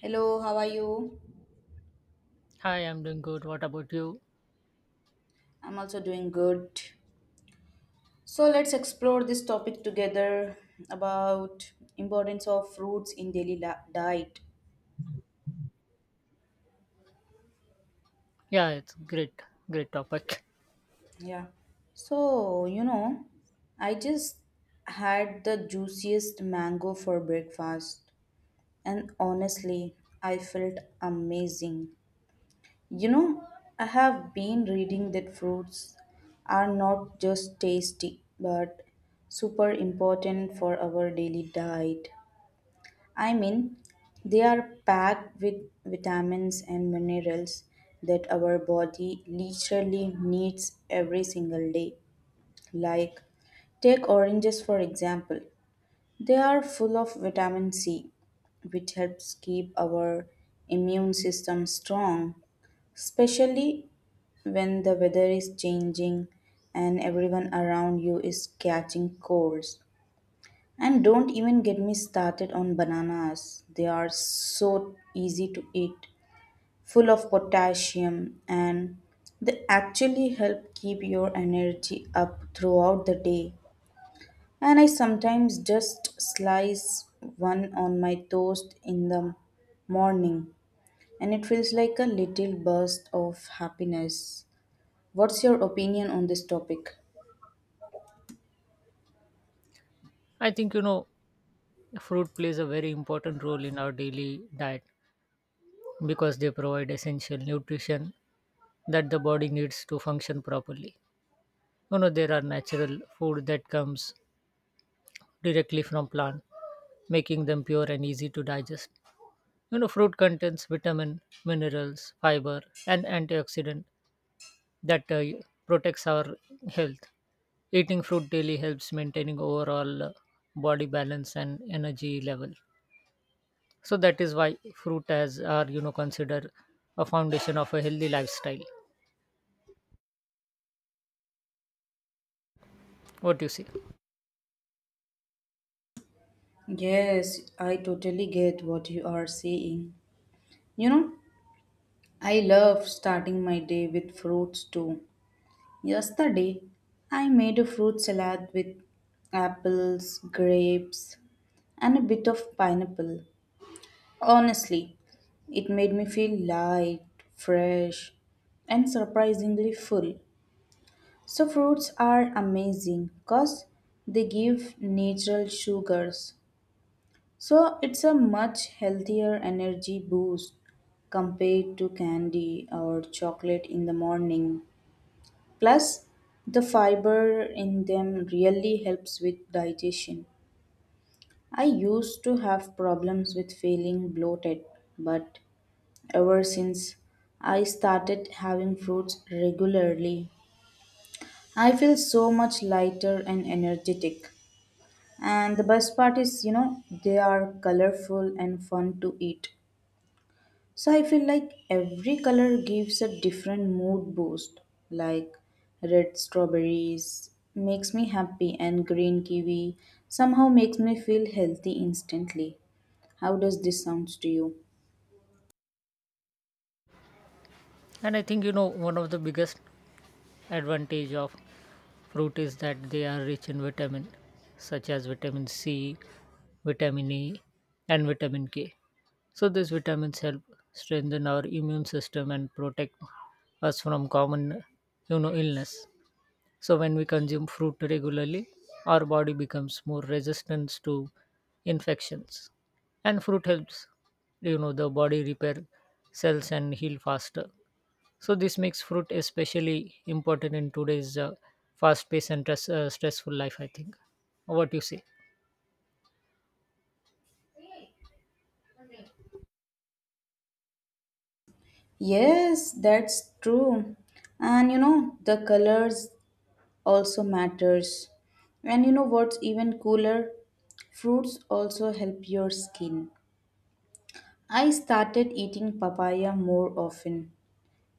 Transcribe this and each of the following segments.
Hello, how are you? Hi, I'm doing good. What about you? I'm also doing good. So let's explore this topic together about importance of fruits in daily diet. Yeah, it's great topic. Yeah. So, you know, I just had the juiciest mango for breakfast and honestly, I felt amazing. You know, I have been reading that fruits are not just tasty but super important for our daily diet. I mean, they are packed with vitamins and minerals that our body literally needs every single day. Like, take oranges for example. They are full of vitamin C, which helps keep our immune system strong, especially when the weather is changing and everyone around you is catching colds. And don't even get me started on bananas. They are so easy to eat, full of potassium, and they actually help keep your energy up throughout the day. And I sometimes just slice one on my toast in the morning, and it feels like a little burst of happiness. What's your opinion on this topic? I think fruit plays a very important role in our daily diet because they provide essential nutrition that the body needs to function properly. You know there are natural food that comes directly from plant, making them pure and easy to digest. You know fruit contains vitamin, minerals, fiber, and antioxidant that protects our health. Eating fruit daily helps maintaining overall body balance and energy level. So that is why fruit as are considered a foundation of a healthy lifestyle. What you see, Yes, I totally get what you are saying. You know, I love starting my day with fruits too. Yesterday, I made a fruit salad with apples, grapes, and a bit of pineapple. Honestly, it made me feel light, fresh, and surprisingly full. So, fruits are amazing because they give natural sugars. So, it's a much healthier energy boost compared to candy or chocolate in the morning. Plus, the fiber in them really helps with digestion. I used to have problems with feeling bloated, but ever since I started having fruits regularly, I feel so much lighter and energetic. And the best part is, you know, they are colorful and fun to eat. So I feel like every color gives a different mood boost. Like red strawberries makes me happy and green kiwi somehow makes me feel healthy instantly. How does this sound to you? and I think one of the biggest advantage of fruit is that they are rich in vitamin, such as vitamin C, vitamin E, and vitamin K. So these vitamins help strengthen our immune system and protect us from common illness. So when we consume fruit regularly, our body becomes more resistant to infections. And fruit helps the body repair cells and heal faster. So this makes fruit especially important in today's fast paced and stressful life I think. What you say? Yes, that's true. And you know, the colors also matters. And you know what's even cooler? Fruits also help your skin. I started eating papaya more often.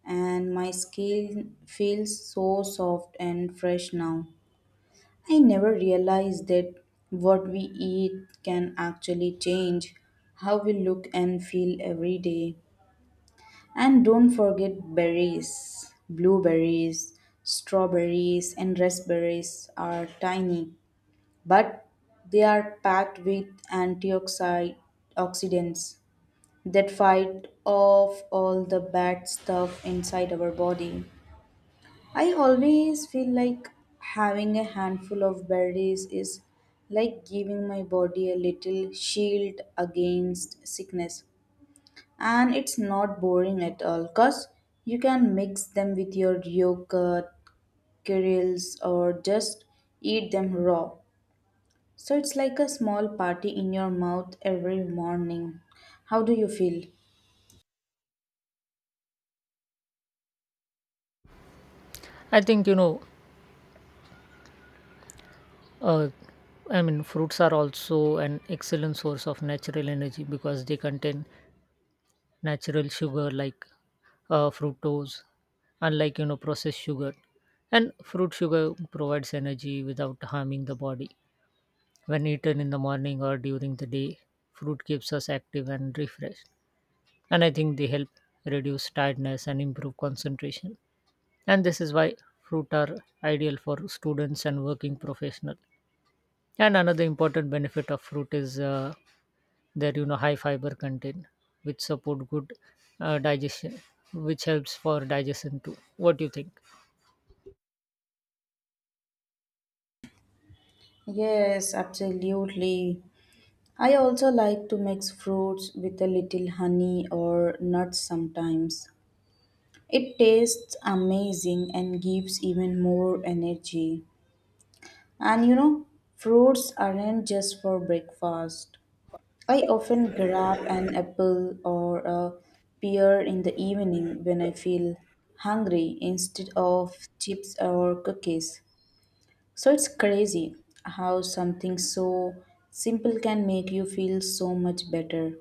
And my skin feels so soft and fresh now. I never realized that what we eat can actually change how we look and feel every day. And don't forget berries, blueberries, strawberries, and raspberries are tiny, but they are packed with antioxidant- oxidants that fight off all the bad stuff inside our body. I always feel like having a handful of berries is like giving my body a little shield against sickness. And it's not boring at all because you can mix them with your yogurt, kernels, or just eat them raw. So it's like a small party in your mouth every morning. How do you feel? I think Uh, I mean, fruits are also an excellent source of natural energy because they contain natural sugar like fructose, unlike processed sugar. And fruit sugar provides energy without harming the body. When eaten in the morning or during the day, fruit keeps us active and refreshed. And I think they help reduce tiredness and improve concentration. And this is why fruit are ideal for students and working professionals. And another important benefit of fruit is their high fiber content, which support good digestion, which helps for digestion too. What do you think? Yes, absolutely. I also like to mix fruits with a little honey or nuts sometimes. It tastes amazing and gives even more energy. And you know, fruits aren't just for breakfast. I often grab an apple or a pear in the evening when I feel hungry instead of chips or cookies. So it's crazy how something so simple can make you feel so much better.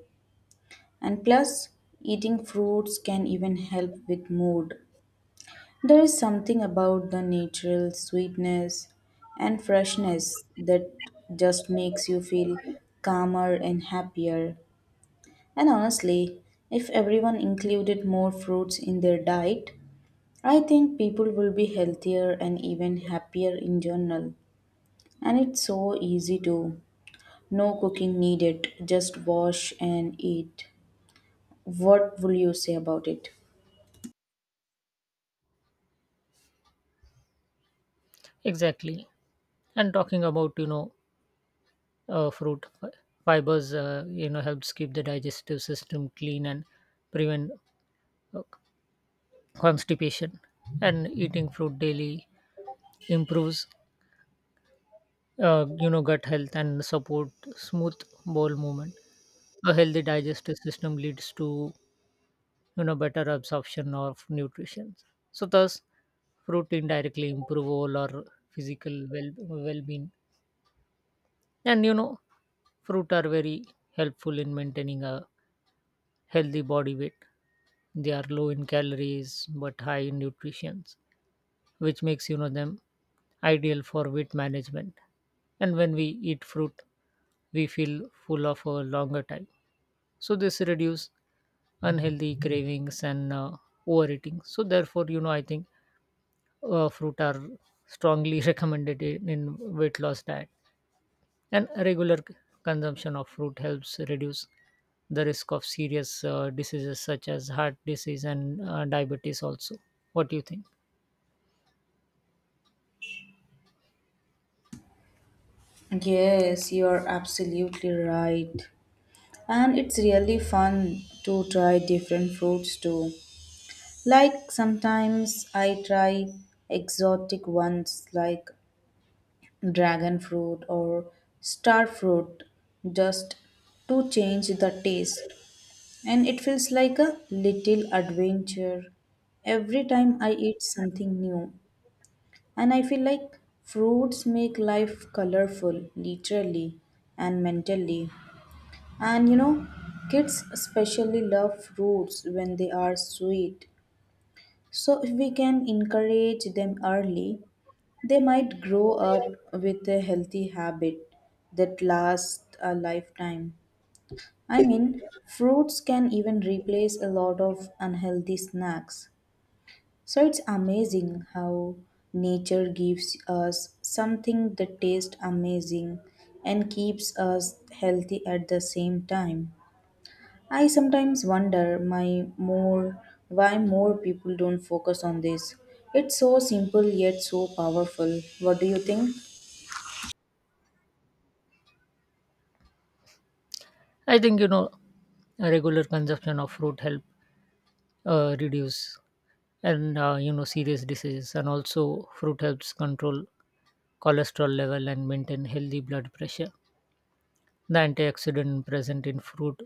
And plus, eating fruits can even help with mood. There is something about the natural sweetness and freshness that just makes you feel calmer and happier. And honestly, if everyone included more fruits in their diet, I think people will be healthier and even happier in general. And it's so easy to no cooking needed, just wash and eat. What will you say about it? Exactly. And talking about uh, fruit fi- fibers, helps keep the digestive system clean and prevent uh, constipation. And eating fruit daily improves gut health and support smooth bowel movement. A healthy digestive system leads to better absorption of nutrition, so thus fruit indirectly improve all our physical well-being. And fruit are very helpful in maintaining a healthy body weight. They are low in calories but high in nutrition, which makes them ideal for weight management. And when we eat fruit, we feel full of a longer time, so this reduce unhealthy cravings and overeating. So therefore I think fruit are strongly recommended in weight loss diet. And regular consumption of fruit helps reduce the risk of serious diseases such as heart disease and diabetes also. What do you think? Yes, you're absolutely right. And it's really fun to try different fruits too. Like sometimes I try exotic ones like dragon fruit or star fruit just to change the taste. And it feels like a little adventure every time I eat something new. And I feel like fruits make life colorful, literally and mentally. And you know, kids especially love fruits when they are sweet. So, if we can encourage them early, they might grow up with a healthy habit that lasts a lifetime. I mean, fruits can even replace a lot of unhealthy snacks. So, it's amazing how nature gives us something that tastes amazing and keeps us healthy at the same time. I sometimes wonder my more why more people don't focus on this. It's so simple yet so powerful. What do you think? I think a regular consumption of fruit help reduce and serious diseases, and also fruit helps control cholesterol level and maintain healthy blood pressure. The antioxidant present in fruit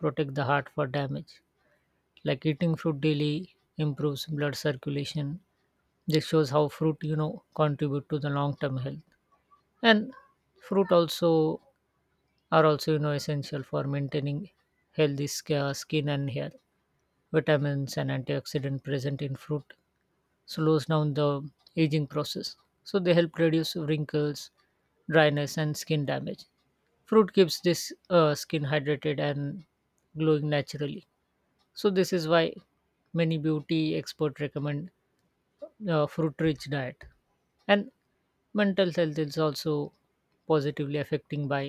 protect the heart for damage. Like eating fruit daily improves blood circulation. This shows how fruit contribute to the long term health. And fruit also are also essential for maintaining healthy skin and hair. Vitamins and antioxidant present in fruit slows down the aging process, so they help reduce wrinkles, dryness and skin damage. Fruit keeps this skin hydrated and glowing naturally. So this is why many beauty experts recommend fruit rich diet. And mental health is also positively affecting by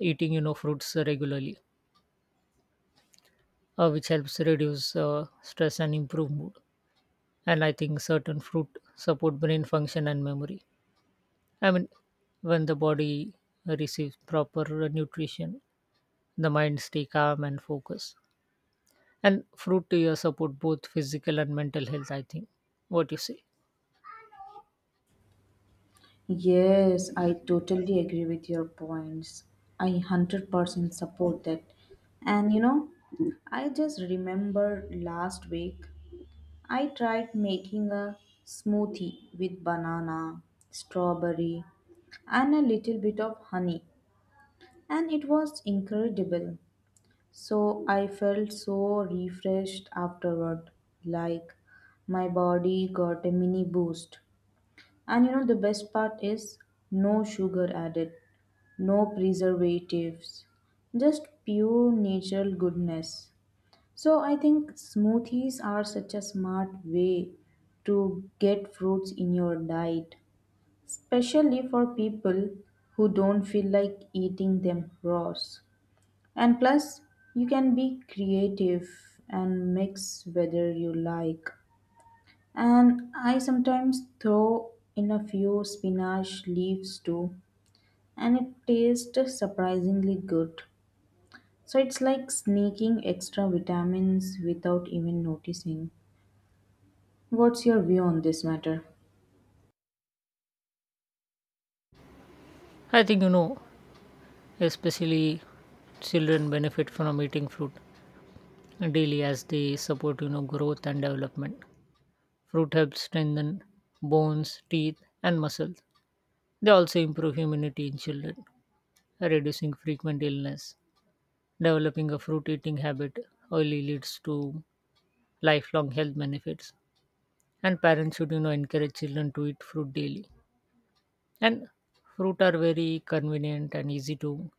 eating fruits regularly, which helps reduce stress and improve mood. And I think certain fruit support brain function and memory. I mean, when the body receives proper nutrition, the mind stay calm and focus. And fruit support both physical and mental health I think. What you say? Yes, I totally agree with your points. I 100% support that. And you know, I just remember last week I tried making a smoothie with banana, strawberry, and a little bit of honey, and it was incredible. So I felt so refreshed afterward, like my body got a mini boost. And you know, the best part is no sugar added, no preservatives, just pure natural goodness. So I think smoothies are such a smart way to get fruits in your diet, especially for people who don't feel like eating them raw. And plus, you can be creative and mix whether you like. And I sometimes throw in a few spinach leaves too, and it tastes surprisingly good. So it's like sneaking extra vitamins without even noticing. What's your view on this matter? I think especially children benefit from eating fruit daily as they support growth and development. Fruit helps strengthen bones, teeth and muscles. They also improve immunity in children, reducing frequent illness. Developing a fruit eating habit early leads to lifelong health benefits. And parents should encourage children to eat fruit daily. And fruit are very convenient and easy to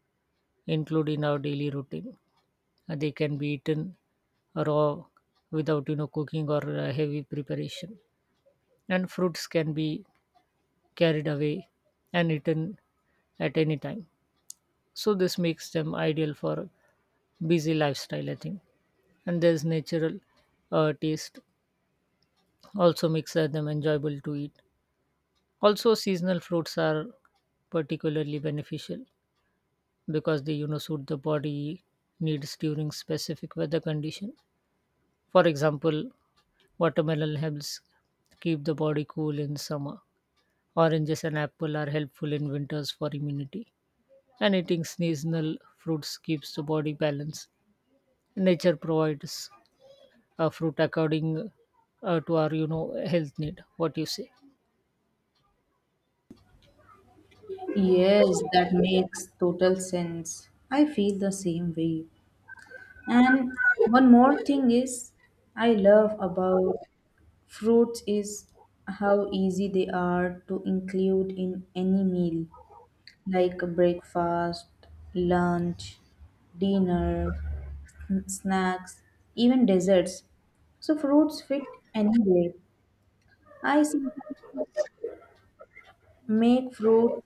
include in our daily routine. They can be eaten raw without cooking or heavy preparation. And fruits can be carried away and eaten at any time, so this makes them ideal for busy lifestyle I think. And there's natural taste also makes them enjoyable to eat. Also seasonal fruits are particularly beneficial because they suit the body needs during specific weather condition. For example, watermelon helps keep the body cool in summer. Oranges and apple are helpful in winters for immunity. And eating seasonal fruits keeps the body balanced. Nature provides fruit according to our health need. What you say? Yes, that makes total sense. I feel the same way. And one more thing is, I love about fruits is how easy they are to include in any meal, like breakfast, lunch, dinner, snacks, even desserts. So fruits fit anywhere. I sometimes make fruit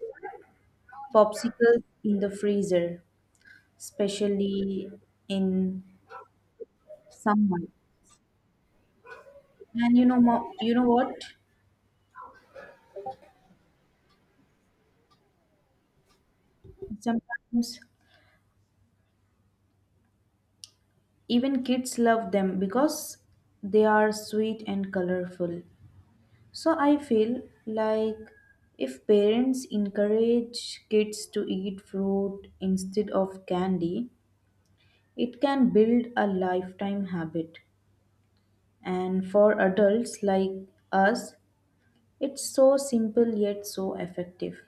popsicles in the freezer, especially in summer. And you know, you know what? Sometimes even kids love them because they are sweet and colorful. So I feel like if parents encourage kids to eat fruit instead of candy, it can build a lifetime habit. And for adults like us, it's so simple yet so effective.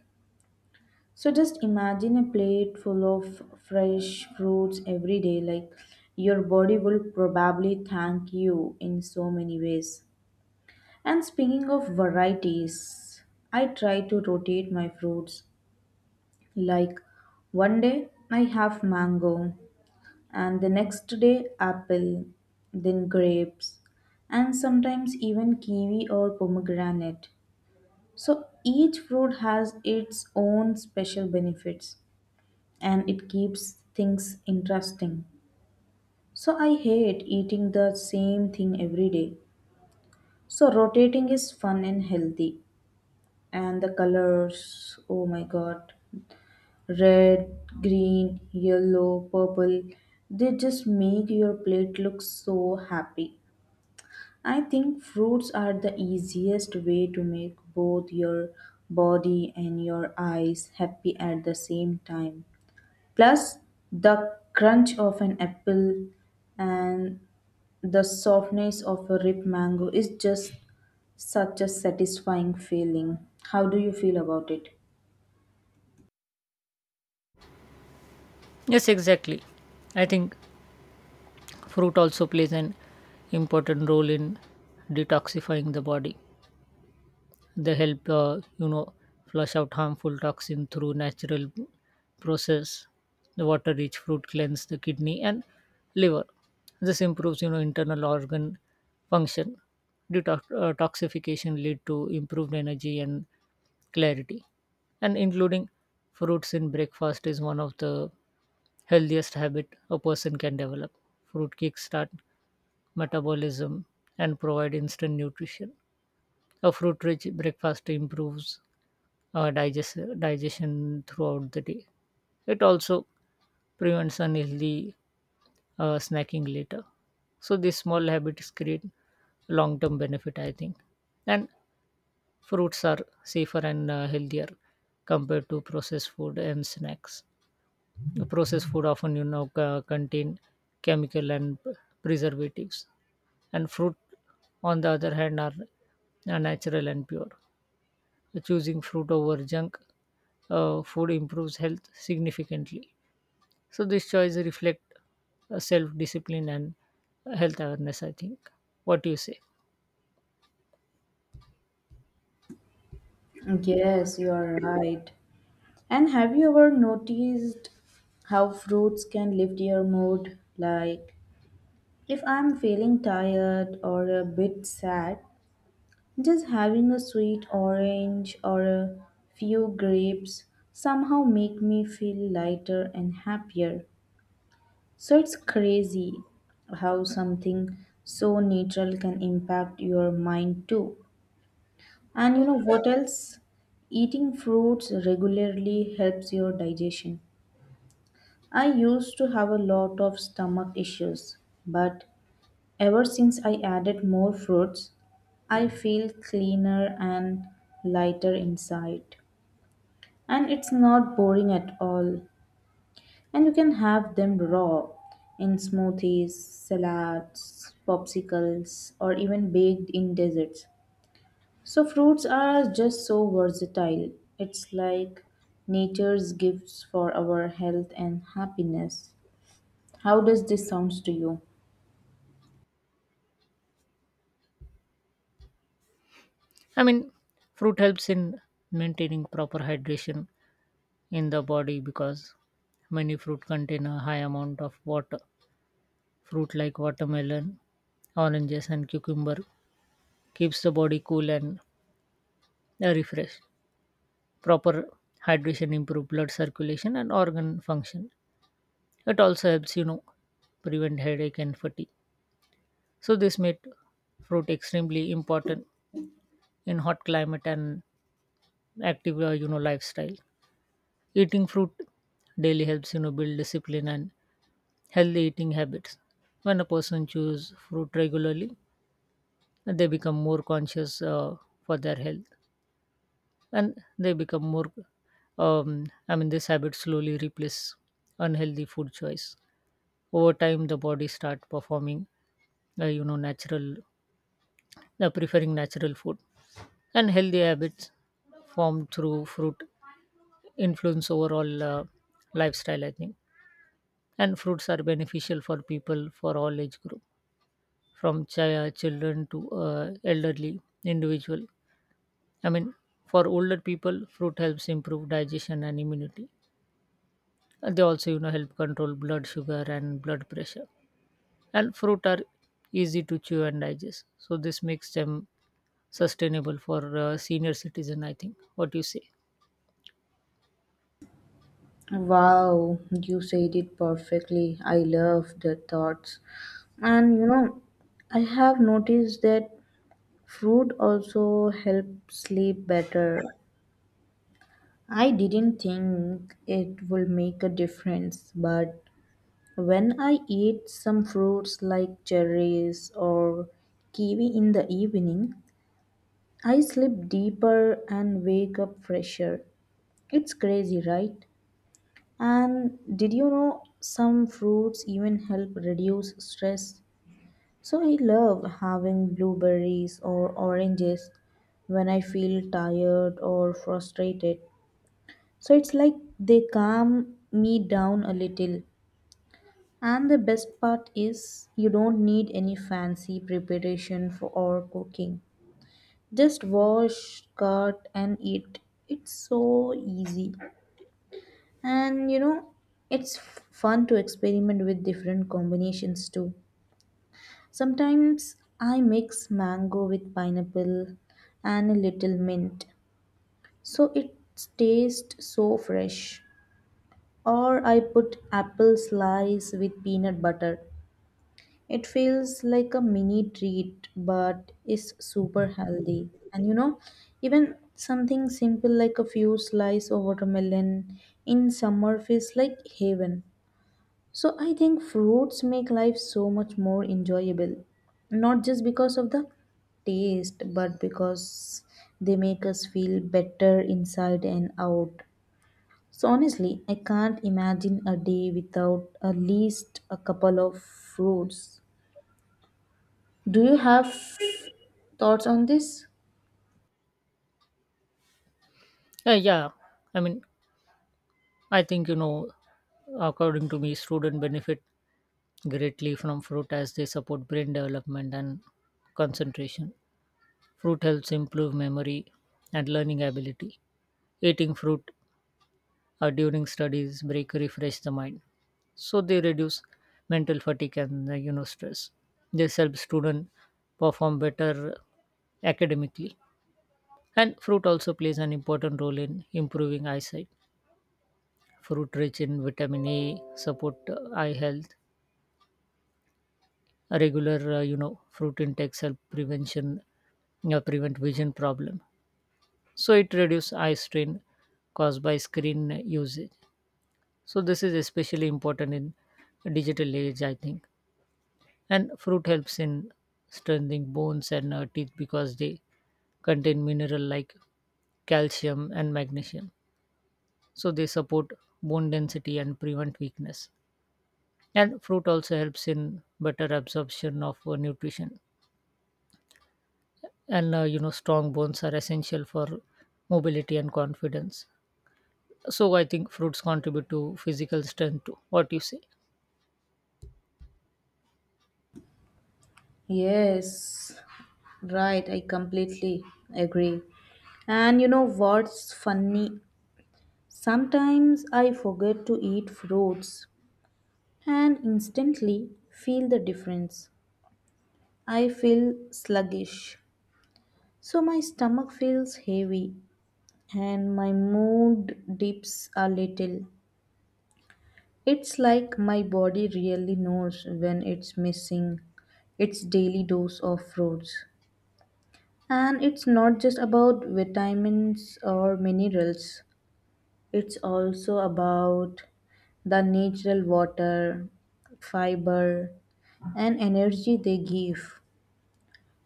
So just imagine a plate full of fresh fruits every day. Like your body will probably thank you in so many ways. And speaking of varieties, I try to rotate my fruits. Like one day I have mango, and the next day apple, then grapes, and sometimes even kiwi or pomegranate. So each fruit has its own special benefits and it keeps things interesting. So I hate eating the same thing every day. So rotating is fun and healthy. And the colors, oh my god, red, green, yellow, purple, they just make your plate look so happy. I think fruits are the easiest way to make both your body and your eyes happy at the same time. Plus, the crunch of an apple and the softness of a ripe mango is just such a satisfying feeling. How do you feel about it? Yes, exactly. I think fruit also plays an important role in detoxifying the body. They help, flush out harmful toxin through natural process. The water-rich fruit cleanse the kidney and liver. This improves, internal organ function. Toxification lead to improved energy and clarity. And including fruits in breakfast is one of the healthiest habit a person can develop. Fruit kickstart metabolism and provide instant nutrition. A fruit-rich breakfast improves digestion throughout the day. It also prevents unhealthy snacking later. So these small habits create long-term benefit, I think. And fruits are safer and healthier compared to processed food and snacks. The processed food often, contain chemical and preservatives, and fruit, on the other hand, are natural and pure. Choosing fruit over junk food improves health significantly. So this choice reflect self-discipline and health awareness, I think. What do you say? Yes, you're right. And have you ever noticed how fruits can lift your mood? Like, if I'm feeling tired or a bit sad, just having a sweet orange or a few grapes somehow make me feel lighter and happier. So it's crazy how something so natural can impact your mind too. And you know what else? Eating fruits regularly helps your digestion. I used to have a lot of stomach issues, but ever since I added more fruits, I feel cleaner and lighter inside. And it's not boring at all. And you can have them raw in smoothies, salads, popsicles, or even baked in desserts. So, fruits are just so versatile. It's like nature's gifts for our health and happiness. How does this sound to you? I mean, fruit helps in maintaining proper hydration in the body because many fruit contain a high amount of water. Fruit like watermelon, oranges, and cucumber keeps the body cool and refreshed. Proper hydration improve blood circulation and organ function. It also helps, prevent headache and fatigue. So this made fruit extremely important in hot climate and active, lifestyle. Eating fruit daily helps, build discipline and healthy eating habits. When a person choose fruit regularly, they become more conscious for their health, and they become more. I mean, this habit slowly replace unhealthy food choice. Over time, the body start performing, natural preferring natural food. And healthy habits formed through fruit influence overall lifestyle I think. And fruits are beneficial for people for all age group, from children to elderly individual. I mean, for older people fruit helps improve digestion and immunity. And they also help control blood sugar and blood pressure. And fruit are easy to chew and digest, so this makes them sustainable for senior citizen I think. What do you say? Wow, you said it perfectly. I love the thoughts. And you know, I have noticed that fruit also helps sleep better. I didn't think it will make a difference, but when I eat some fruits like cherries or kiwi in the evening, I sleep deeper and wake up fresher. It's crazy, right? And did you know some fruits even help reduce stress? So I love having blueberries or oranges when I feel tired or frustrated. So it's like they calm me down a little. And the best part is you don't need any fancy preparation for or cooking. Just wash, cut and eat. It's so easy. And you know, it's fun to experiment with different combinations too. Sometimes I mix mango with pineapple and a little mint, so it tastes so fresh. Or I put apple slice with peanut butter. It feels like a mini treat but is super healthy. And you know, even something simple like a few slice of watermelon in summer feels like heaven. So I think fruits make life so much more enjoyable, not just because of the taste, but because they make us feel better inside and out. So honestly, I can't imagine a day without at least a couple of fruits. Do you have thoughts on this? Yeah, I mean, I think, according to me, students benefit greatly from fruit as they support brain development and concentration. Fruit helps improve memory and learning ability. Eating fruit during studies break refresh the mind. So they reduce mental fatigue and, stress. This helps student perform better academically. And fruit also plays an important role in improving eyesight. Fruit rich in vitamin A support eye health. A regular fruit intakes help prevent vision problem. So it reduce eye strain caused by screen usage. So this is especially important in digital age I think. And fruit helps in strengthening bones and teeth because they contain mineral like calcium and magnesium. So they support bone density and prevent weakness. And fruit also helps in better absorption of nutrition. And strong bones are essential for mobility and confidence. So I think fruits contribute to physical strength too. What you say? Yes, right, I completely agree. And you know what's funny? Sometimes I forget to eat fruits and instantly feel the difference. I feel sluggish. So my stomach feels heavy and my mood dips a little. It's like my body really knows when it's missing its daily dose of fruits. And it's not just about vitamins or minerals, it's also about the natural water, fiber, and energy they give.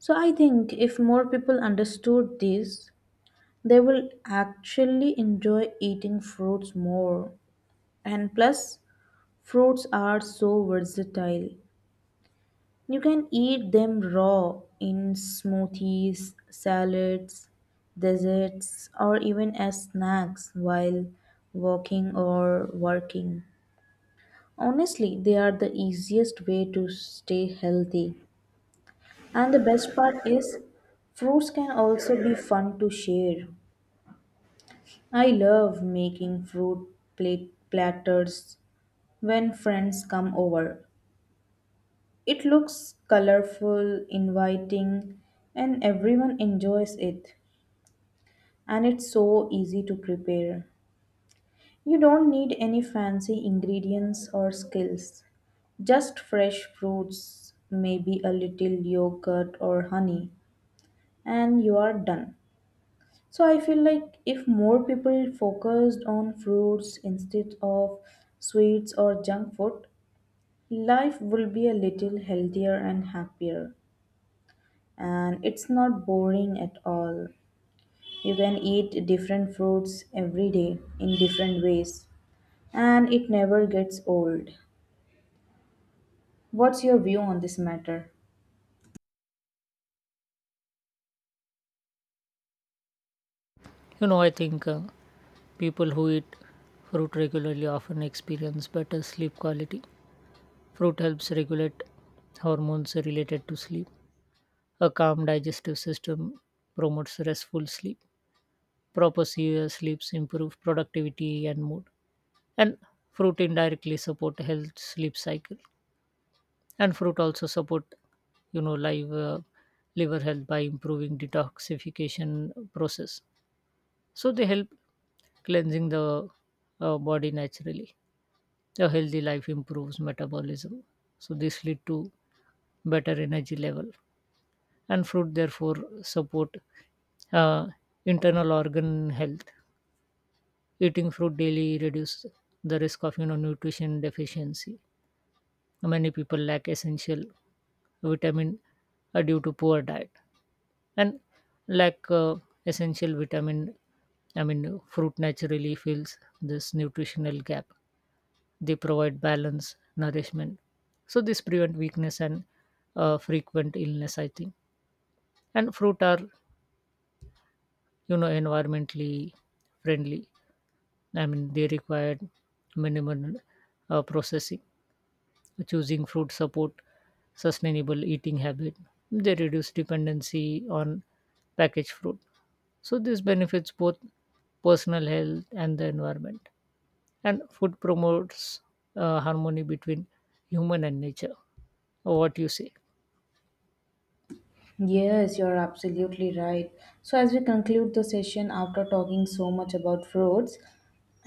So I think if more people understood this, they will actually enjoy eating fruits more. And plus, fruits are so versatile. You can eat them raw in smoothies, salads, desserts, or even as snacks while walking or working. Honestly, they are the easiest way to stay healthy. And the best part is, fruits can also be fun to share. I love making fruit plate platters when friends come over. It looks colorful, inviting, and everyone enjoys it. And it's so easy to prepare. You don't need any fancy ingredients or skills. Just fresh fruits, maybe a little yogurt or honey, and you are done. So I feel like if more people focused on fruits instead of sweets or junk food, life will be a little healthier and happier. And it's not boring at all. You can eat different fruits every day in different ways, and it never gets old. What's your view on this matter? You know, I think people who eat fruit regularly often experience better sleep quality. Fruit helps regulate hormones related to sleep. A calm digestive system promotes restful sleep. Proper serious sleeps improve productivity and mood. And fruit indirectly support health sleep cycle. And fruit also support you know live uh, liver health by improving detoxification process. So they help cleansing the body naturally. A healthy life improves metabolism, so this lead to better energy level. And fruit therefore support uh, internal organ health. Eating fruit daily reduce the risk of nutrition deficiency. Many people lack essential vitamin due to poor diet and lack essential vitamin. I mean, fruit naturally fills this nutritional gap. They provide balance, nourishment. So this prevent weakness and frequent illness, I think. And fruit are, environmentally friendly. I mean, they require minimal processing. Choosing fruit support sustainable eating habit. They reduce dependency on packaged fruit, so this benefits both personal health and the environment. And food promotes harmony between human and nature. What you say? Yes, you're absolutely right. So, as we conclude the session after talking so much about fruits,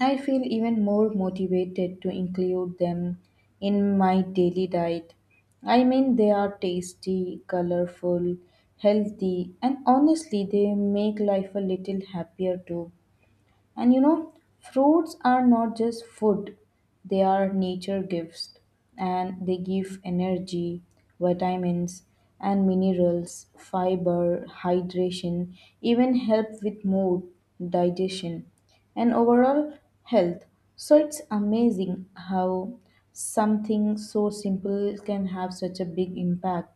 I feel even more motivated to include them in my daily diet. I mean, they are tasty, colorful, healthy, and honestly, they make life a little happier too. And you know, fruits are not just food, they are nature gifts and they give energy, vitamins, and minerals, fiber, hydration, even help with mood, digestion, and overall health. So it's amazing how something so simple can have such a big impact.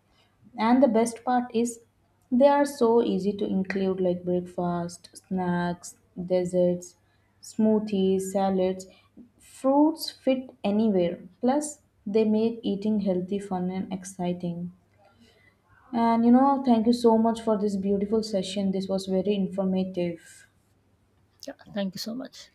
And the best part is they are so easy to include like breakfast, snacks, desserts, smoothies, salads. Fruits fit anywhere. Plus, they make eating healthy fun and exciting. And you know, thank you so much for this beautiful session. This was very informative. Yeah, thank you so much.